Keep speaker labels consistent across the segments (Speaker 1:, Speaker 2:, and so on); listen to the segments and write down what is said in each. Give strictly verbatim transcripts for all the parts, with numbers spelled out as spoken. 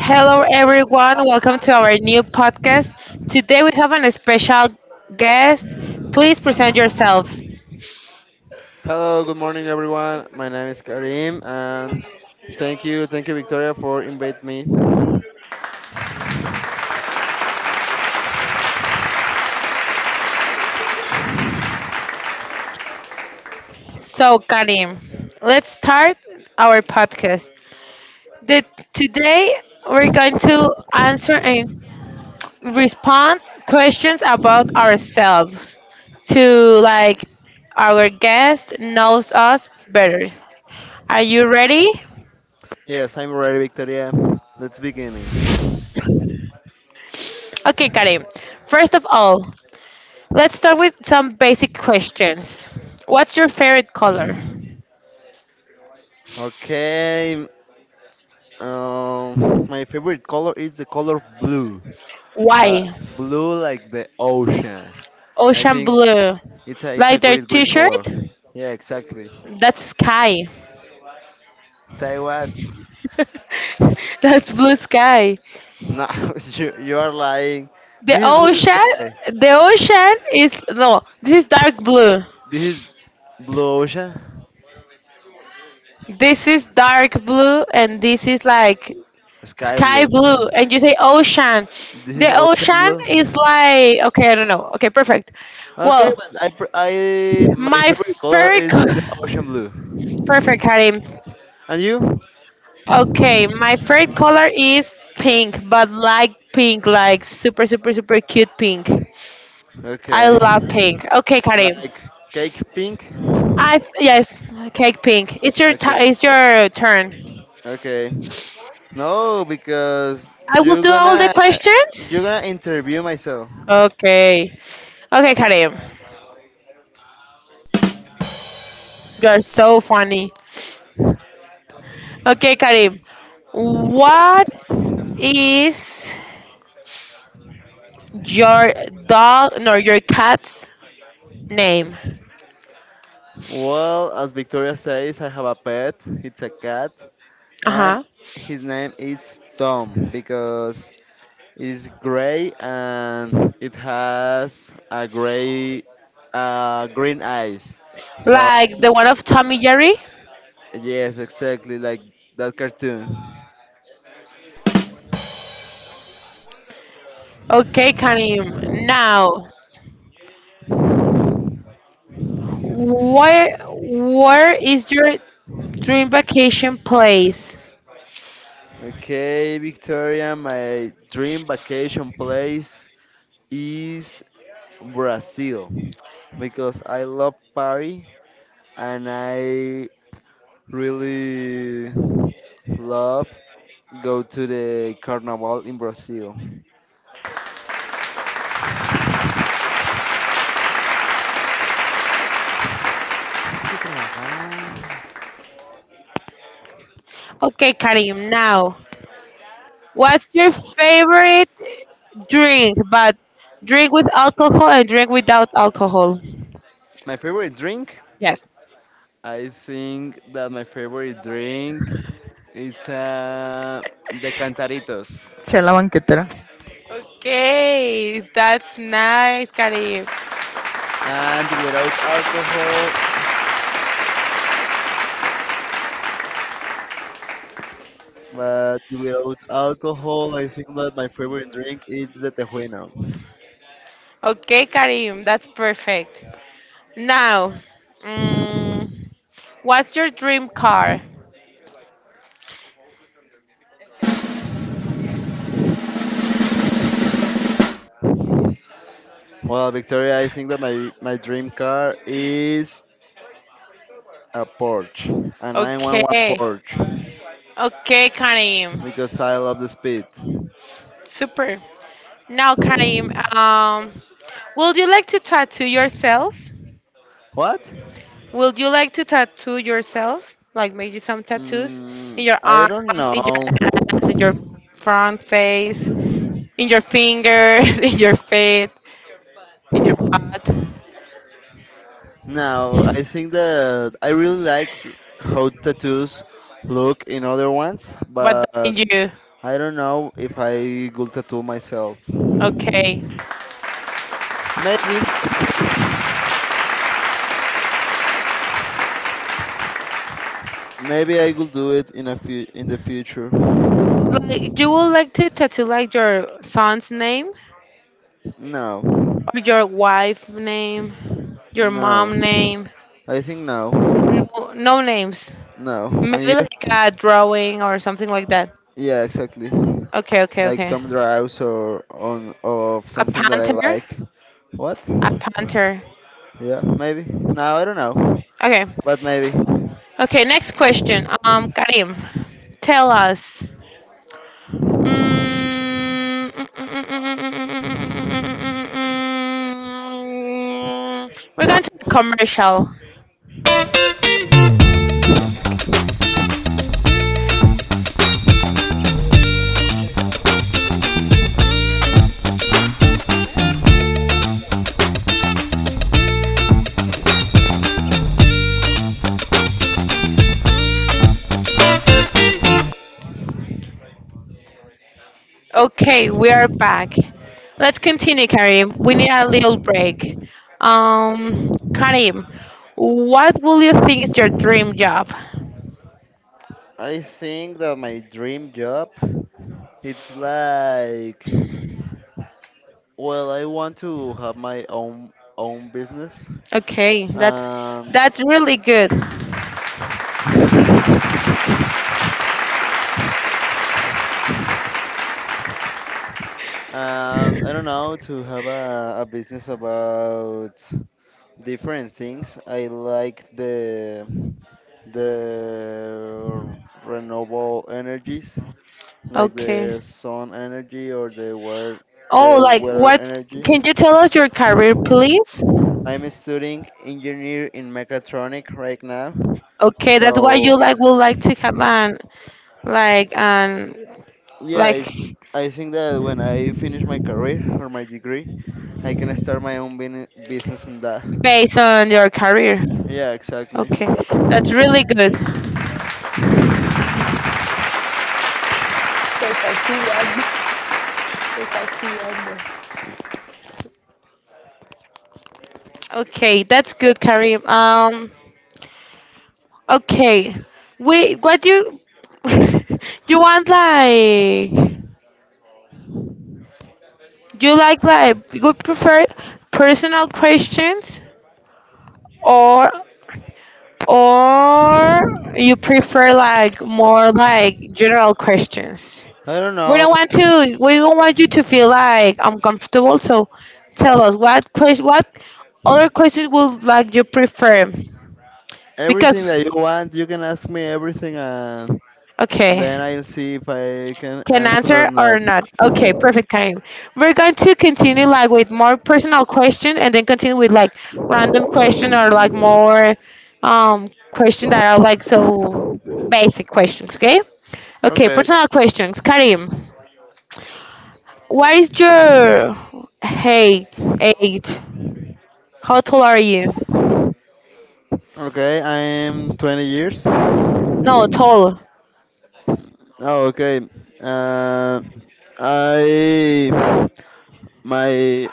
Speaker 1: Hello, everyone. Welcome to our new podcast. Today we have an special guest. Please present yourself.
Speaker 2: Hello, good morning, everyone. My name is Karim, and thank you, thank you, Victoria, for inviting me.
Speaker 1: So, Karim, let's start our podcast. The, today we're going to answer and respond questions about ourselves to like our guest knows us better. Are you ready?
Speaker 2: Yes, I'm ready, Victoria. Let's beginning.
Speaker 1: Okay, Karim. First of all, let's start with some basic questions. What's your favorite color?
Speaker 2: Okay, um, my favorite color is the color blue, but
Speaker 1: Why?
Speaker 2: blue like the ocean. I
Speaker 1: Ocean
Speaker 2: think
Speaker 1: blue.
Speaker 2: it's a it's
Speaker 1: Like
Speaker 2: a
Speaker 1: their
Speaker 2: great great
Speaker 1: t-shirt?
Speaker 2: color. Yeah, exactly.
Speaker 1: That's sky.
Speaker 2: Say what?
Speaker 1: That's blue sky.
Speaker 2: No, you you are lying.
Speaker 1: The
Speaker 2: This is blue
Speaker 1: ocean,
Speaker 2: sky.
Speaker 1: the ocean is no, this is dark blue.
Speaker 2: This is blue ocean.
Speaker 1: This is dark blue and this is like
Speaker 2: Sky
Speaker 1: sky
Speaker 2: blue.
Speaker 1: blue and you say ocean.
Speaker 2: This
Speaker 1: The
Speaker 2: is ocean
Speaker 1: ocean is
Speaker 2: blue.
Speaker 1: like okay, I don't know. Okay, perfect.
Speaker 2: Okay,
Speaker 1: Well,
Speaker 2: but I pr- I my
Speaker 1: my
Speaker 2: favorite color
Speaker 1: favorite
Speaker 2: is the ocean blue.
Speaker 1: Perfect, Karim.
Speaker 2: And you?
Speaker 1: Okay, my favorite color is pink, but like pink, like super, super, super cute pink. I
Speaker 2: Okay,
Speaker 1: love pink. Okay, Karim.
Speaker 2: like cake pink.
Speaker 1: I yes, cake pink. It's your t-
Speaker 2: Okay,
Speaker 1: it's your turn.
Speaker 2: okay. No, because
Speaker 1: I will
Speaker 2: you're
Speaker 1: do all the
Speaker 2: gonna
Speaker 1: questions.
Speaker 2: you're gonna interview myself.
Speaker 1: Okay, okay, Karim. You are so funny. Okay, Karim. What is your dog? No, your cat's name.
Speaker 2: Well, as Victoria says, I have a pet. It's a cat,
Speaker 1: Uh
Speaker 2: and
Speaker 1: huh.
Speaker 2: his name is Tom because it is gray and it has a gray, uh, green eyes. So
Speaker 1: Like the one of Tommy Jerry.
Speaker 2: yes, exactly like that cartoon.
Speaker 1: Okay, Karim. Now, where where is your dream vacation place?
Speaker 2: Okay, Victoria, my dream vacation place is Brazil because I love Paris and I really love go to the carnival in Brazil. De trabajar.
Speaker 1: Okay, Karim. Now, what's your favorite drink? But drink with alcohol and drink without alcohol.
Speaker 2: My favorite drink,
Speaker 1: Yes.
Speaker 2: I think that my favorite drink it's uh, the cantaritos.
Speaker 1: Chela banquetera. Okay, that's nice, Karim.
Speaker 2: And without alcohol, but without alcohol, I think that my favorite drink is the tejuino.
Speaker 1: Okay, Karim, that's perfect. Now, mm, what's your dream car?
Speaker 2: Well, Victoria, I think that my, my dream car is a Porsche, a nine one one
Speaker 1: Okay,
Speaker 2: Porsche,
Speaker 1: okay, Karim.
Speaker 2: because I love the speed.
Speaker 1: Super. Now, Karim, um, would you like to tattoo yourself?
Speaker 2: What?
Speaker 1: Would you like to tattoo yourself? Like maybe some tattoos in
Speaker 2: Mm,
Speaker 1: your
Speaker 2: I
Speaker 1: arms,
Speaker 2: don't
Speaker 1: in your
Speaker 2: know.
Speaker 1: ass, in your front face, in your fingers, in your feet, in your butt.
Speaker 2: Now, I think that I really like how tattoos look in other ones,
Speaker 1: What
Speaker 2: but
Speaker 1: in you?
Speaker 2: I don't know if I will tattoo myself.
Speaker 1: Okay.
Speaker 2: Maybe, maybe I will do it in a few in the future.
Speaker 1: Like, you would like to tattoo like your son's name
Speaker 2: No,
Speaker 1: or your wife name, your mom
Speaker 2: no,
Speaker 1: name?
Speaker 2: I think no,
Speaker 1: No, no names.
Speaker 2: no.
Speaker 1: Maybe
Speaker 2: And you?
Speaker 1: like a drawing or something like that.
Speaker 2: Yeah, exactly.
Speaker 1: Okay, okay,
Speaker 2: Like
Speaker 1: okay.
Speaker 2: some draws or on of
Speaker 1: A
Speaker 2: something that I
Speaker 1: panther?
Speaker 2: like. What?
Speaker 1: A panther.
Speaker 2: Yeah, maybe. No, I don't know,
Speaker 1: Okay.
Speaker 2: but maybe.
Speaker 1: Okay, next question. Um, Karim, tell us. Mm, mm, mm, mm, mm, mm, mm, mm. We're going to the commercial. Okay, we are back. Let's continue, Karim. We need a little break. Um, Karim, what will you think is your dream job?
Speaker 2: I think that my dream job it's like, well, I want to have my own own business,
Speaker 1: Okay, that's
Speaker 2: and
Speaker 1: that's really good.
Speaker 2: and I don't know, to have a, a business about different things. I like the the renewable energies like
Speaker 1: Okay.
Speaker 2: the sun energy or the water
Speaker 1: Oh,
Speaker 2: the
Speaker 1: like
Speaker 2: water
Speaker 1: what?
Speaker 2: energy.
Speaker 1: Can you tell us your career, please?
Speaker 2: I'm studying engineer in mechatronic right now.
Speaker 1: Okay, that's why you
Speaker 2: So
Speaker 1: like would like to have an like an
Speaker 2: yeah,
Speaker 1: like
Speaker 2: it's, I think that when I finish my career or my degree, I can start my own bin- business in that.
Speaker 1: based on your career.
Speaker 2: Yeah, exactly.
Speaker 1: Okay, that's really good. Okay, that's good, Karim. Um, okay, we what you you want like you like like you prefer personal questions or or you prefer like more like general questions.
Speaker 2: I don't
Speaker 1: We don't
Speaker 2: know.
Speaker 1: want to. We don't want you to feel like uncomfortable. So tell us what question, what other questions would like you prefer?
Speaker 2: Everything
Speaker 1: Because
Speaker 2: that you want, you can ask me everything, and
Speaker 1: okay,
Speaker 2: then I'll see if I can
Speaker 1: can
Speaker 2: answer or
Speaker 1: answer or
Speaker 2: not.
Speaker 1: not. Okay, perfect, Karim. We're going to continue like with more personal question and then continue with like random question or like more um question that are like so basic questions. Okay. Okay,
Speaker 2: Okay.
Speaker 1: personal questions. Karim, what is your height? Age? How tall are you?
Speaker 2: Okay, I'm twenty years. Oh,
Speaker 1: No, tall.
Speaker 2: okay. Uh, I my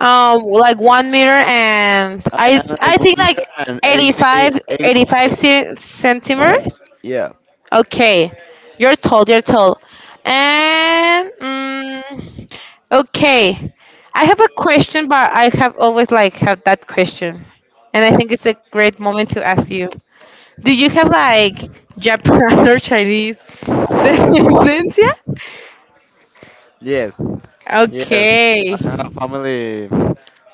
Speaker 1: Um, like one meter and
Speaker 2: I
Speaker 1: I
Speaker 2: am
Speaker 1: I
Speaker 2: like
Speaker 1: think
Speaker 2: one meter
Speaker 1: like
Speaker 2: and eighty,
Speaker 1: eighty-five, eighty-five
Speaker 2: eighty-five.
Speaker 1: ce- centimeters.
Speaker 2: Yeah.
Speaker 1: Okay, you're tall. You're tall. And mm, okay, I have a question, but I have always like have that question, and I think it's a great moment to ask you. Do you have like Japan or Chinese descendencia?
Speaker 2: Yes. Yes.
Speaker 1: Okay.
Speaker 2: I have family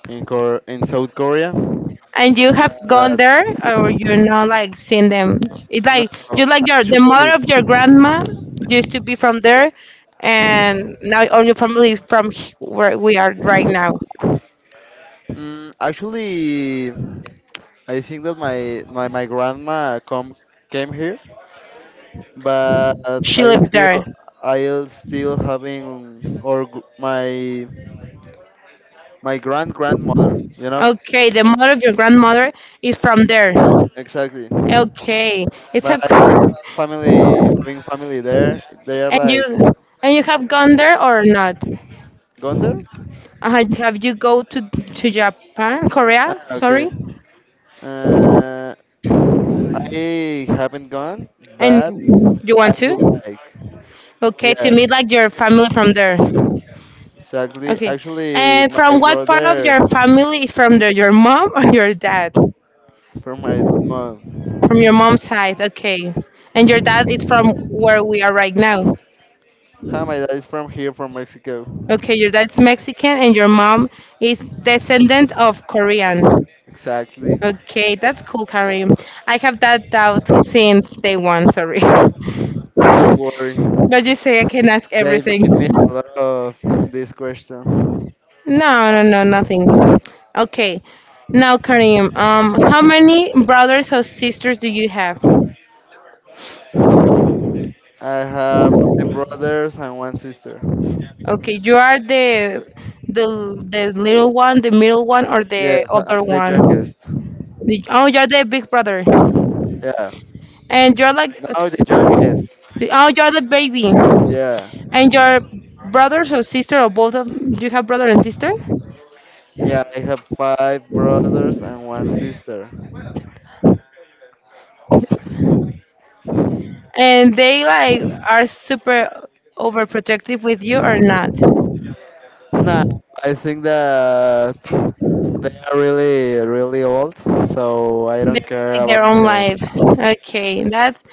Speaker 2: in Cor in South Korea,
Speaker 1: And you have gone
Speaker 2: but
Speaker 1: there or you know like seen them. It's like
Speaker 2: no,
Speaker 1: you like your the
Speaker 2: actually,
Speaker 1: mother of your grandma used to be from there and now all your family is from h- where we are right now.
Speaker 2: mm, actually, I think that my my my grandma come came here, but
Speaker 1: She
Speaker 2: I
Speaker 1: lives there.
Speaker 2: still, I'll still having or gr- my my grand grandmother, you know,
Speaker 1: Okay, the mother of your grandmother is from there.
Speaker 2: exactly.
Speaker 1: Okay. It's
Speaker 2: But
Speaker 1: a
Speaker 2: I still,
Speaker 1: cool
Speaker 2: family having family there. They are
Speaker 1: and you
Speaker 2: like
Speaker 1: and you have gone there or not?
Speaker 2: gone there.
Speaker 1: Have have you go to to Japan,
Speaker 2: Ah,
Speaker 1: Korea?
Speaker 2: okay.
Speaker 1: Sorry,
Speaker 2: Uh, I haven't gone,
Speaker 1: and
Speaker 2: but
Speaker 1: you
Speaker 2: I
Speaker 1: want
Speaker 2: would
Speaker 1: to?
Speaker 2: like.
Speaker 1: Okay, to
Speaker 2: Yeah,
Speaker 1: meet like your family from there.
Speaker 2: exactly.
Speaker 1: Okay,
Speaker 2: Actually,
Speaker 1: and
Speaker 2: my
Speaker 1: from what part of
Speaker 2: brother.
Speaker 1: your family is from there? Your mom or your dad?
Speaker 2: From my mom.
Speaker 1: From your mom's side. Okay, and your dad is from where we are right now.
Speaker 2: Hi, my dad is from here, from Mexico.
Speaker 1: Okay, your dad's Mexican and your mom is descendant of Korean.
Speaker 2: Exactly.
Speaker 1: Okay, that's cool, Karim. I have that doubt since day one. Sorry.
Speaker 2: Don't worry.
Speaker 1: But you say I can ask
Speaker 2: They made me
Speaker 1: everything.
Speaker 2: a lot of this question.
Speaker 1: No, no, no, nothing. Okay. Now, Karim, um, how many brothers or sisters do you have?
Speaker 2: I have five brothers and one sister.
Speaker 1: Okay, you are the the the little one, the middle one, or the
Speaker 2: Yes,
Speaker 1: other
Speaker 2: I'm the
Speaker 1: one?
Speaker 2: youngest.
Speaker 1: The- Oh, you're the big brother,
Speaker 2: Yeah.
Speaker 1: and you're like,
Speaker 2: No, the
Speaker 1: oh,
Speaker 2: youngest.
Speaker 1: you're the baby,
Speaker 2: Yeah.
Speaker 1: and your brothers or sister or both of you have brother and sister,
Speaker 2: Yeah, I have five brothers and one sister.
Speaker 1: and they like are super overprotective with you or not?
Speaker 2: Nah, I think that they are really, really old, so I
Speaker 1: They
Speaker 2: don't
Speaker 1: have,
Speaker 2: care
Speaker 1: like
Speaker 2: about
Speaker 1: their own
Speaker 2: her.
Speaker 1: lives. Okay, that's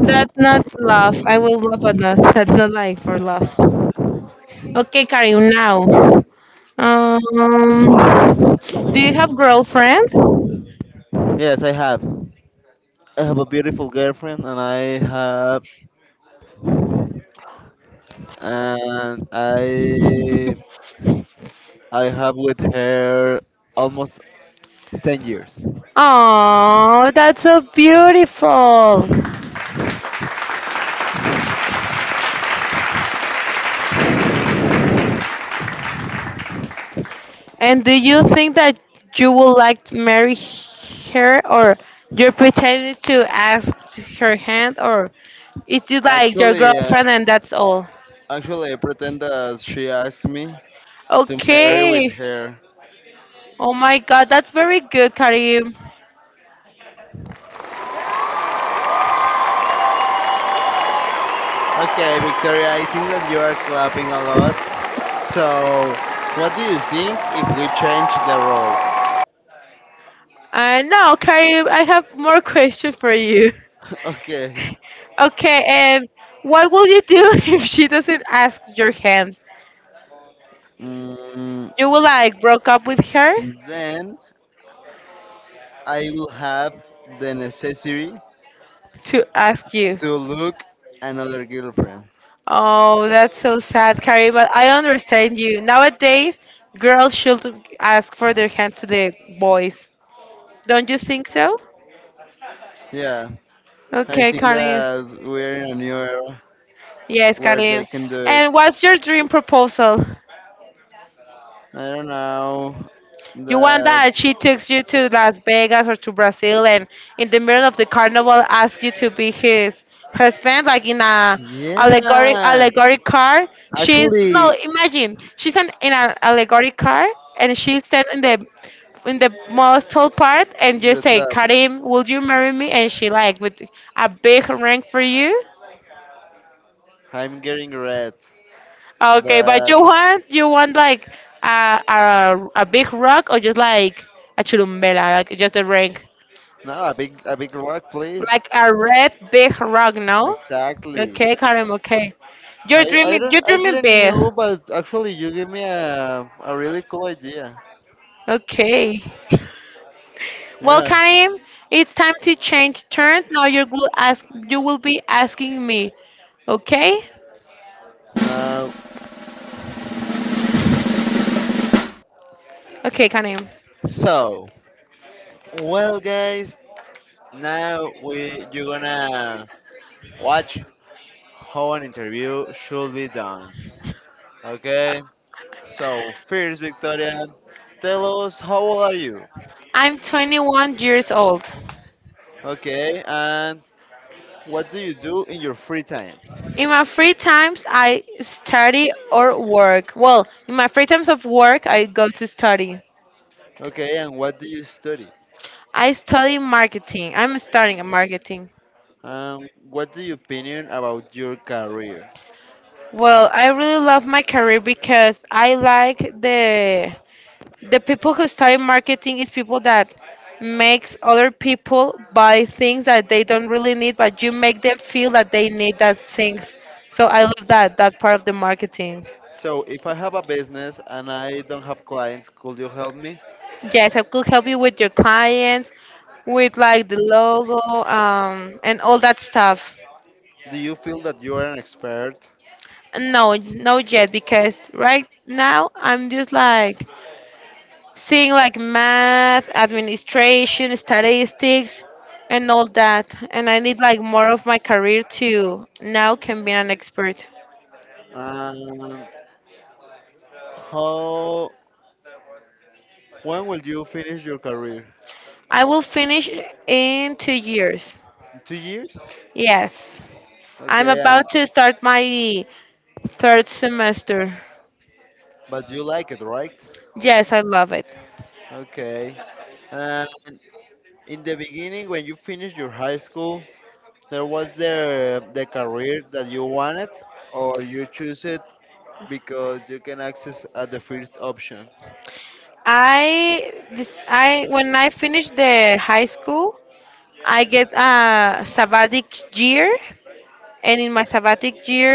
Speaker 1: that's not love. I will love on that. That's not like for love. Okay, Karim. Now, um, do you have girlfriend?
Speaker 2: Yes, I have. I have a beautiful girlfriend, and I have, and I I have with her almost ten years.
Speaker 1: Oh, that's so beautiful. And do you think that you would like to marry her, or you're pretending to ask her hand, or it's just like your
Speaker 2: Actually, uh,
Speaker 1: girlfriend and that's all?
Speaker 2: actually, I pretend that she asked me to marry with
Speaker 1: Okay.
Speaker 2: her.
Speaker 1: Oh my God, that's very good, Karim.
Speaker 2: Okay, Victoria, I think that you are clapping a lot. So, what do you think if we change the roles?
Speaker 1: And now, Karim, I have more questions for you.
Speaker 2: Okay.
Speaker 1: Okay, and what will you do if she doesn't ask your hand?
Speaker 2: Mm,
Speaker 1: You will like broke up with her
Speaker 2: then I will have the necessity
Speaker 1: to ask you.
Speaker 2: to look another girlfriend.
Speaker 1: Oh, that's so sad, Karim. But I understand you. Nowadays, girls should ask for their hand to the boys. Don't you think so?
Speaker 2: Yeah, I
Speaker 1: Okay,
Speaker 2: think
Speaker 1: Karim.
Speaker 2: that we're in a new era
Speaker 1: Yes,
Speaker 2: where
Speaker 1: Karim.
Speaker 2: they can do it.
Speaker 1: And what's your dream proposal?
Speaker 2: I don't know
Speaker 1: You want
Speaker 2: that.
Speaker 1: that? She takes you to Las Vegas or to Brazil, and in the middle of the carnival, asks you to be his her husband, like in a allegoric
Speaker 2: Yeah,
Speaker 1: allegoric car. She's no,
Speaker 2: actually,
Speaker 1: imagine she's an, in an allegoric car, and she stands in the in the
Speaker 2: top.
Speaker 1: most tall part, and just say, "Karim, will you marry me?" And she like with a big ring for you.
Speaker 2: I'm getting red,
Speaker 1: Okay, but
Speaker 2: but
Speaker 1: you want you want like a a, a big rock or just like a churumbela, like just a ring.
Speaker 2: no, a big a big rock, please.
Speaker 1: Like a red big rock,
Speaker 2: Like
Speaker 1: no?
Speaker 2: exactly.
Speaker 1: Okay, Karim, okay. You're
Speaker 2: I I
Speaker 1: dreaming you're
Speaker 2: don't I
Speaker 1: dreaming
Speaker 2: didn't
Speaker 1: big.
Speaker 2: knew, but actually you gave me a a really cool idea.
Speaker 1: Okay. Well,
Speaker 2: Yeah.
Speaker 1: Karim, it's time to change turn. Now you will ask you will be asking me. Okay?
Speaker 2: Now,
Speaker 1: Okay, Karim.
Speaker 2: so well, guys. Now we you're gonna watch how an interview should be done. Okay. So, first, Victoria, tell us, how old are you?
Speaker 1: I'm twenty-one years old.
Speaker 2: Okay, and what do you do in your free time?
Speaker 1: In my free times, I study or work. Well, in my free times of work, I go to study.
Speaker 2: Okay, and what do you study?
Speaker 1: I study marketing. I'm studying marketing.
Speaker 2: And what do you opinion about your career?
Speaker 1: Well, I really love my career because I like the the people who study marketing is people that makes other people buy things that they don't really need, but you make them feel that they need that things. So I love that that part of the marketing.
Speaker 2: So, if I have a business and I don't have clients, could you help me?
Speaker 1: Yes, I could help you with your clients, with like the logo, um, and all that stuff.
Speaker 2: Do you feel that you are an expert?
Speaker 1: No, no yet because right now I'm just like seeing like math, administration, statistics, and all that. And I need like more of my career to now can be an expert.
Speaker 2: And how? When will you finish your career?
Speaker 1: I will finish in two years.
Speaker 2: In two years?
Speaker 1: Yes. I'm
Speaker 2: Okay, and
Speaker 1: about to start my third semester.
Speaker 2: but you like it, right?
Speaker 1: Yes, I love it.
Speaker 2: Okay. And in the beginning, when you finished your high school, there was the the career that you wanted, or you choose it because you can access at the first option.
Speaker 1: I this I when I finish the high school, I get a sabbatic year and in my sabbatic year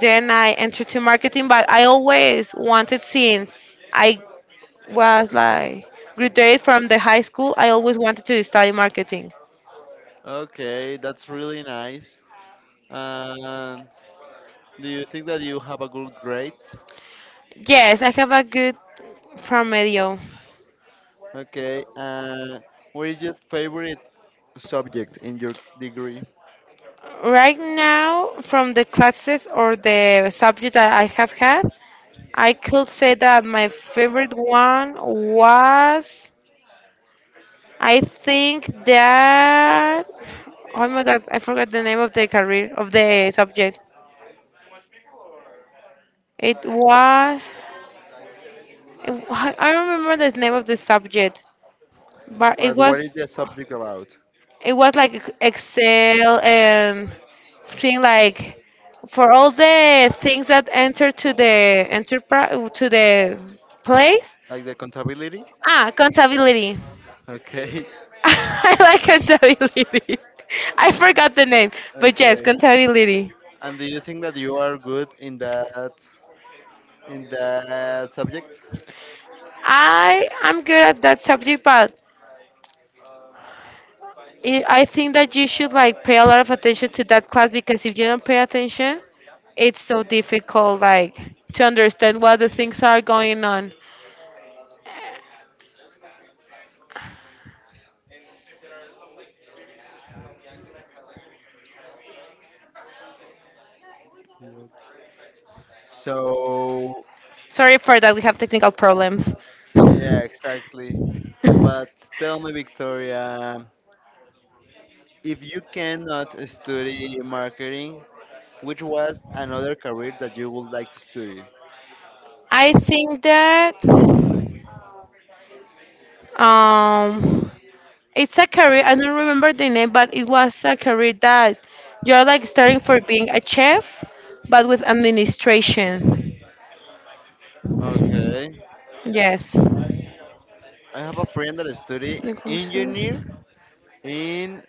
Speaker 1: then I entered to marketing, but I always wanted since I was like graduated from the high school I always wanted to study marketing.
Speaker 2: Okay, that's really nice. And do you think that you have a good grade?
Speaker 1: Yes, I have a good promedio.
Speaker 2: Okay, and what is your favorite subject in your degree?
Speaker 1: Right now from the classes or the subject that I have had, I could say that my favorite one was I think that oh my God I forgot the name of the career of the subject. It was It- I I don't remember the name of the subject, but it
Speaker 2: But what
Speaker 1: was
Speaker 2: is the subject about?
Speaker 1: it was like ex- Excel and thing like for all the things that enter to the enterprise to the place.
Speaker 2: Like the contability?
Speaker 1: Ah, contability.
Speaker 2: Okay.
Speaker 1: I like contability. I forgot the name, but
Speaker 2: Okay.
Speaker 1: yes, contability.
Speaker 2: And do you think that you are good in that, in that subject.
Speaker 1: I am good at that subject, but i I think that you should like pay a lot of attention to that class because if you don't pay attention, it's so difficult like to understand what the things are going on.
Speaker 2: You- So,
Speaker 1: Sorry for that, we have technical problems.
Speaker 2: yeah, exactly. But tell me, Victoria, if you cannot study marketing, which was another career that you would like to study?
Speaker 1: I think that um it's a career I don't remember the name but it was a career that you're like starting for being a chef but with administration.
Speaker 2: Okay.
Speaker 1: Yes.
Speaker 2: I have a friend that study
Speaker 1: Negocio-
Speaker 2: engineer in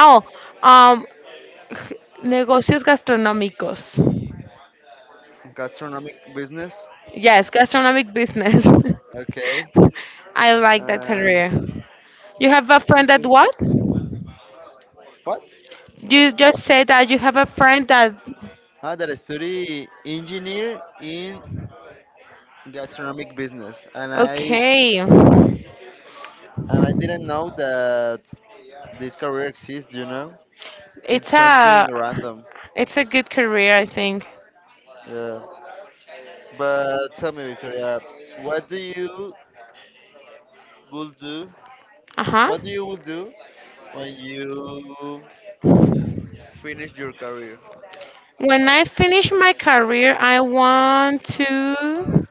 Speaker 1: oh um g- negocios gastronómicos.
Speaker 2: gastronomic business.
Speaker 1: Yes, gastronomic business.
Speaker 2: Okay.
Speaker 1: I like that
Speaker 2: Um,
Speaker 1: career. You have a friend that
Speaker 2: okay.
Speaker 1: what?
Speaker 2: What?
Speaker 1: You just said that you have a friend that.
Speaker 2: Ah, that study engineer in gastronomic business, and I,
Speaker 1: Okay.
Speaker 2: and I didn't know that this career exists, you know?
Speaker 1: It's
Speaker 2: It's
Speaker 1: a
Speaker 2: something random.
Speaker 1: it's a good career, I think.
Speaker 2: Yeah. But tell me, Victoria, what do you will do?
Speaker 1: Uh-huh.
Speaker 2: What do you will do when you finish your career?
Speaker 1: When I finish my career, I want to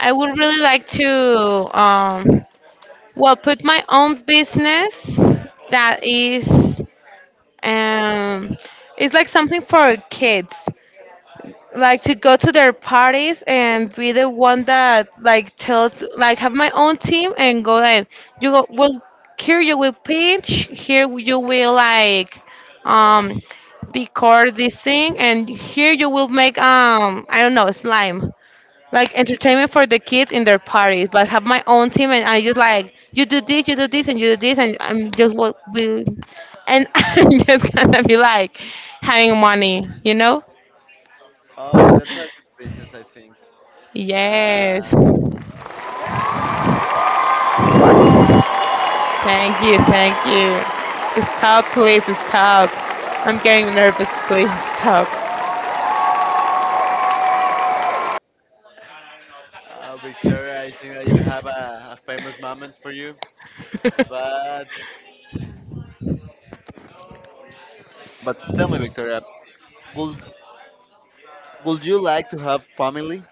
Speaker 1: I would really like to um well, put my own business that is um it's like something for kids. Like to go to their parties and be the one that like tells, like, have my own team and go like, you go, well, here you will pinch, here you will like, um decor this thing, and here you will make, um I don't know, slime, like entertainment for the kids in their parties, but have my own team, and I just like, you do this, you do this, and you do this, and I'm just what will, and I'm just gonna be like, having money you know
Speaker 2: Oh, that's a business, I think.
Speaker 1: Yes.
Speaker 2: And
Speaker 1: Thank you. Thank you. Stop, please. Stop. I'm getting nervous. Please stop.
Speaker 2: uh, Victoria, I think that you have a, a famous moment for you. But but tell me, Victoria, would would you like to have family?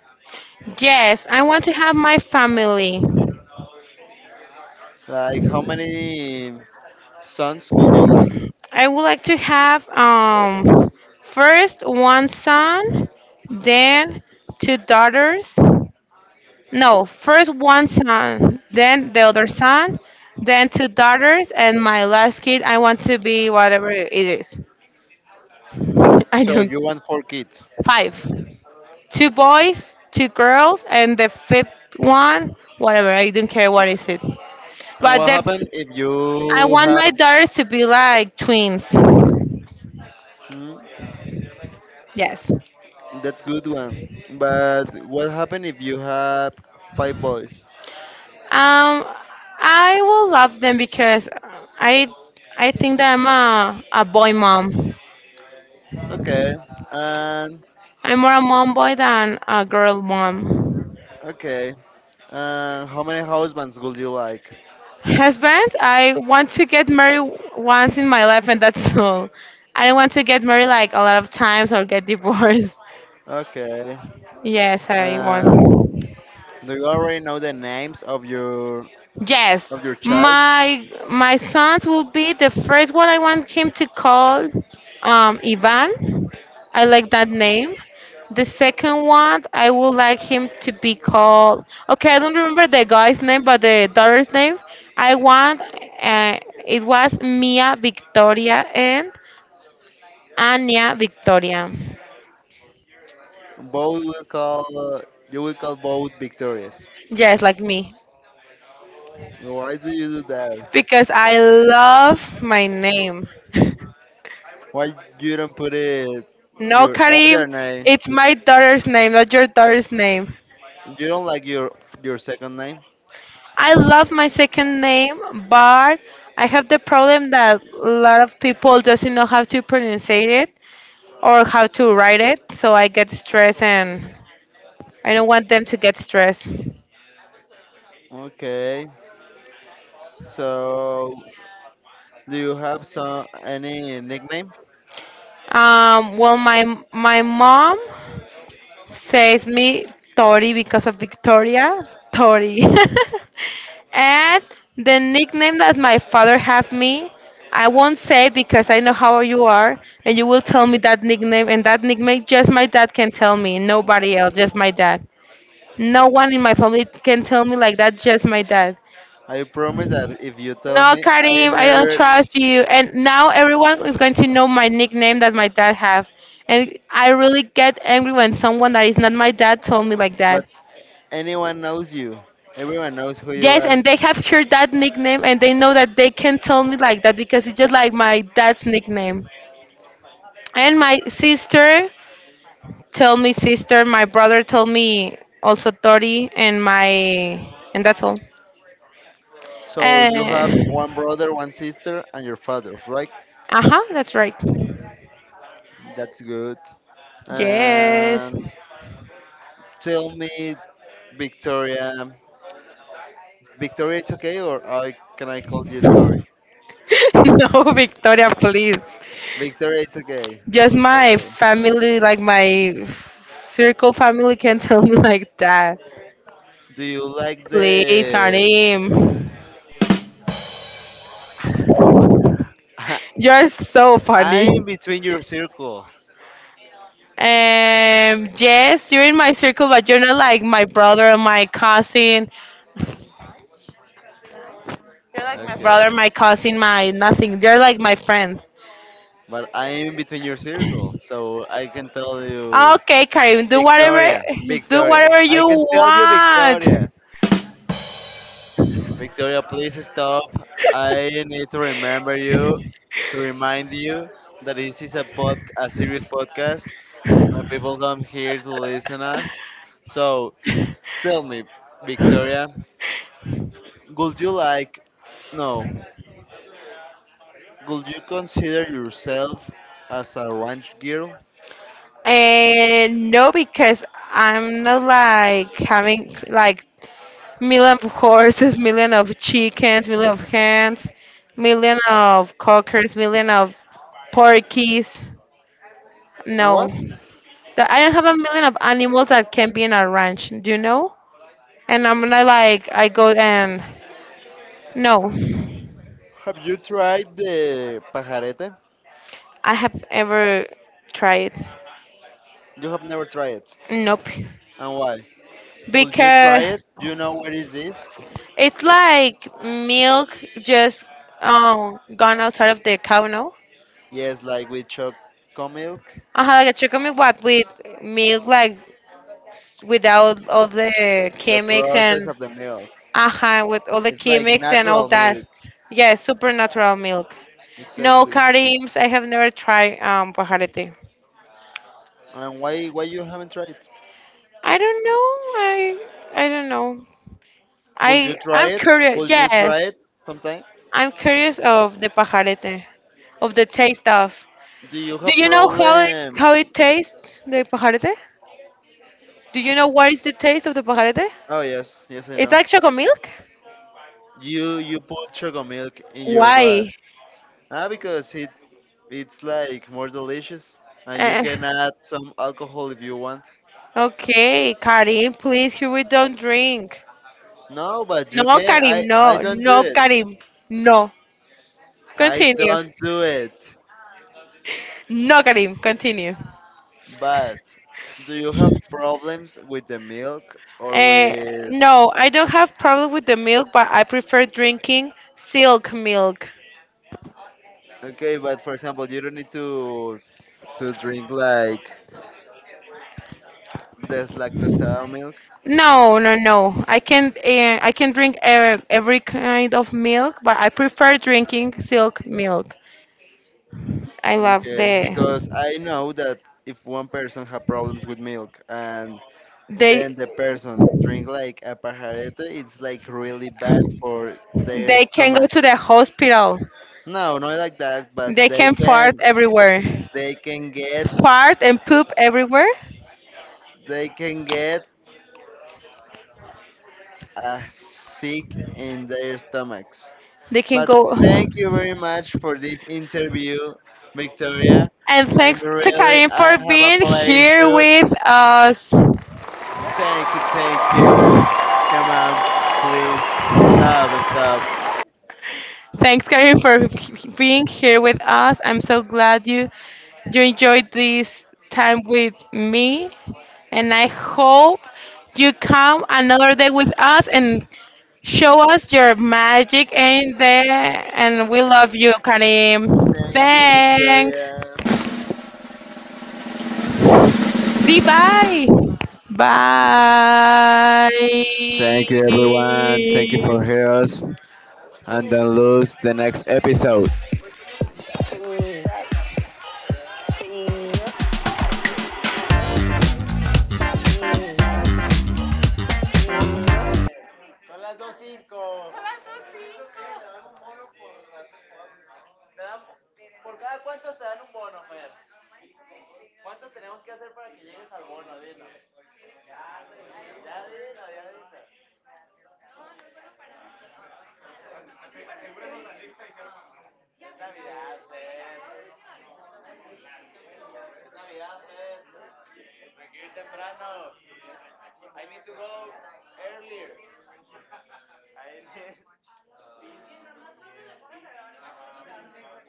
Speaker 1: Yes, I want to have my family.
Speaker 2: Like, how many sons would you like?
Speaker 1: I would like to have um first one son, then two daughters. No, first one son, then the other son, then two daughters, and my last kid I want to be whatever it is. I
Speaker 2: So
Speaker 1: don't
Speaker 2: you want four kids.
Speaker 1: five. Two boys, two girls, and the fifth one, whatever. I don't care what is it.
Speaker 2: And
Speaker 1: But
Speaker 2: what
Speaker 1: the,
Speaker 2: happened if
Speaker 1: I
Speaker 2: you
Speaker 1: want my
Speaker 2: have?
Speaker 1: daughters to be like twins.
Speaker 2: Hmm,
Speaker 1: Yes.
Speaker 2: that's good one. But what happened if you have five boys?
Speaker 1: Um, I will love them because I I think that I'm a, a boy mom.
Speaker 2: Okay. And
Speaker 1: I'm more a mom boy than a girl mom.
Speaker 2: okay. And how many husbands would you like?
Speaker 1: Husband, I want to get married once in my life, and that's all. I don't want to get married like a lot of times or get divorced.
Speaker 2: Okay.
Speaker 1: Yes, I
Speaker 2: And
Speaker 1: want.
Speaker 2: do you already know the names of your,
Speaker 1: Yes,
Speaker 2: of your child?
Speaker 1: my my sons will be the first one I want him to call um, Ivan. I like that name. The second one I would like him to be called. Okay, I don't remember the guy's name, but the daughter's name. I want uh, it was Mia Victoria and Anya Victoria.
Speaker 2: Both will call, you will call both victorious.
Speaker 1: Yes, like me
Speaker 2: Why do you do that?
Speaker 1: because I love my name.
Speaker 2: Why you don't put it
Speaker 1: No,
Speaker 2: your
Speaker 1: Karim,
Speaker 2: other name?
Speaker 1: it's my daughter's name, not your daughter's name.
Speaker 2: You don't like your your second name?
Speaker 1: I love my second name, but I have the problem that a lot of people doesn't know how to pronounce it or how to write it, so I get stressed and I don't want them to get stressed.
Speaker 2: Okay. So do you have some any nickname?
Speaker 1: Um, well, my my mom says me Tori because of Victoria Tori. And the nickname that my father have me, I won't say because I know how you are, and you will tell me that nickname, and that nickname just my dad can tell me, nobody else, just my dad. No one in my family can tell me like that, just my dad.
Speaker 2: I promise that if you tell
Speaker 1: No,
Speaker 2: me, I
Speaker 1: Karim, I don't
Speaker 2: never.
Speaker 1: trust you. And now everyone is going to know my nickname that my dad have. And I really get angry when someone that is not my dad told me like
Speaker 2: But
Speaker 1: that.
Speaker 2: anyone knows you. Everyone knows who you
Speaker 1: Yes,
Speaker 2: are.
Speaker 1: and they have heard that nickname and they know that they can tell me like that because it's just like my dad's nickname. And my sister tell me sister, my brother told me also Tori, and my, and that's all.
Speaker 2: So you have
Speaker 1: Uh
Speaker 2: one brother, one sister, and your father, right?
Speaker 1: uh-huh, that's right.
Speaker 2: That's good.
Speaker 1: Yes.
Speaker 2: And tell me, Victoria. Victoria, it's okay, or I, can I call you Tori?
Speaker 1: No, Victoria, please.
Speaker 2: Victoria, it's okay.
Speaker 1: Just my
Speaker 2: Okay.
Speaker 1: family, like my circle family can tell me like that.
Speaker 2: Do you like
Speaker 1: Please,
Speaker 2: the?
Speaker 1: Karim. You're so funny.
Speaker 2: I'm between your circle.
Speaker 1: Um, yes, you're in my circle, but you're not like my brother, my cousin. You're like my
Speaker 2: Okay.
Speaker 1: brother, my cousin, my nothing. You're like my friend.
Speaker 2: But I'm between your circle, so I can tell you,
Speaker 1: Okay, Karim, do whatever,
Speaker 2: Victoria,
Speaker 1: do
Speaker 2: Victoria.
Speaker 1: whatever
Speaker 2: I
Speaker 1: you
Speaker 2: can tell you,
Speaker 1: want.
Speaker 2: Victoria. Victoria, please stop. I need to remember you, to remind you that this is a pod, a serious podcast, when people come here to listen us. So tell me, Victoria, would you like, no, would you consider yourself as a ranch girl?
Speaker 1: And no, because I'm not like having like million of horses, million of chickens, million of hens, million of cockers, million of porkies.
Speaker 2: And
Speaker 1: No.
Speaker 2: what?
Speaker 1: That I don't have a million of animals that can be in a ranch, do you know? And I'm gonna like I go and no,
Speaker 2: Have you tried the pajarete?
Speaker 1: I have ever tried.
Speaker 2: You have never tried it.
Speaker 1: Nope,
Speaker 2: And why? Would you try
Speaker 1: because
Speaker 2: it? Do you know what is this?
Speaker 1: it's like milk just um gone outside of the cow, no?
Speaker 2: Yes, like with choco milk,
Speaker 1: I have like a chicken with what with milk like without all the
Speaker 2: the
Speaker 1: chemics
Speaker 2: process
Speaker 1: and
Speaker 2: of the milk.
Speaker 1: uh with all the
Speaker 2: It's like
Speaker 1: chemics and all
Speaker 2: natural
Speaker 1: that.
Speaker 2: milk.
Speaker 1: Yeah, supernatural milk. No,
Speaker 2: Exactly.
Speaker 1: Karims, I have never tried um pajarete.
Speaker 2: And why why you haven't tried it?
Speaker 1: I don't know. I I don't know.
Speaker 2: Will you
Speaker 1: I
Speaker 2: try
Speaker 1: I'm
Speaker 2: it?
Speaker 1: curious.
Speaker 2: Will you
Speaker 1: Yes,
Speaker 2: try it sometime?
Speaker 1: I'm curious of the pajarete, of the taste of.
Speaker 2: Do you
Speaker 1: Do
Speaker 2: have
Speaker 1: you know how it how
Speaker 2: problems?
Speaker 1: it tastes, the pajarete? Do you know what is the taste of the pajarete?
Speaker 2: Oh yes, yes I
Speaker 1: It's
Speaker 2: know.
Speaker 1: like chocolate milk.
Speaker 2: You you put chocolate milk in your glass.
Speaker 1: Why?
Speaker 2: Ah, because it it's like more delicious, and you
Speaker 1: Uh,
Speaker 2: can add some alcohol if you want.
Speaker 1: okay, Karim, please, here we don't drink.
Speaker 2: No, but you
Speaker 1: No,
Speaker 2: can. I
Speaker 1: Karim,
Speaker 2: I
Speaker 1: no,
Speaker 2: don't do
Speaker 1: no,
Speaker 2: it.
Speaker 1: Karim, no.
Speaker 2: I
Speaker 1: Continue.
Speaker 2: don't do it.
Speaker 1: No, Karim, continue.
Speaker 2: But do you have problems with the milk or
Speaker 1: Uh,
Speaker 2: with?
Speaker 1: no, I don't have problem with the milk, but I prefer drinking silk milk.
Speaker 2: Okay, but for example, you don't need to, to drink like deslactosado milk.
Speaker 1: No, no, no. I can uh, I can drink uh, every kind of milk, but I prefer drinking silk milk. I love
Speaker 2: Okay,
Speaker 1: the
Speaker 2: because I know that if one person have problems with milk and
Speaker 1: they
Speaker 2: then the person drink like a pajarete, it's like really bad for their
Speaker 1: they can go
Speaker 2: stomach.
Speaker 1: to the hospital.
Speaker 2: No, not like that, but
Speaker 1: They
Speaker 2: they
Speaker 1: can fart
Speaker 2: can
Speaker 1: everywhere.
Speaker 2: they can get
Speaker 1: Fart and poop everywhere.
Speaker 2: they can get uh, sick in their stomachs.
Speaker 1: They can
Speaker 2: But
Speaker 1: go.
Speaker 2: thank you very much for this interview, Victoria.
Speaker 1: And
Speaker 2: I'm
Speaker 1: thanks to
Speaker 2: really,
Speaker 1: Karim
Speaker 2: I
Speaker 1: for
Speaker 2: have a
Speaker 1: being here
Speaker 2: pleasure.
Speaker 1: with us.
Speaker 2: Thank you, thank you. Come on, please. Stop, stop.
Speaker 1: Thanks, Karim, for h- being here with us. I'm so glad you you enjoyed this time with me, and I hope you come another day with us and show us your magic, and the, and we love you, Karim.
Speaker 2: Thank you,
Speaker 1: Thanks.
Speaker 2: Victoria.
Speaker 1: Goodbye. Bye.
Speaker 2: Thank you, everyone. Thank you for hearing us. And don't lose the next episode.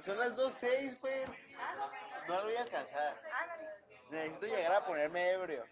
Speaker 2: Son las dos cero seis, güey. Necesito llegar a ponerme ebrio.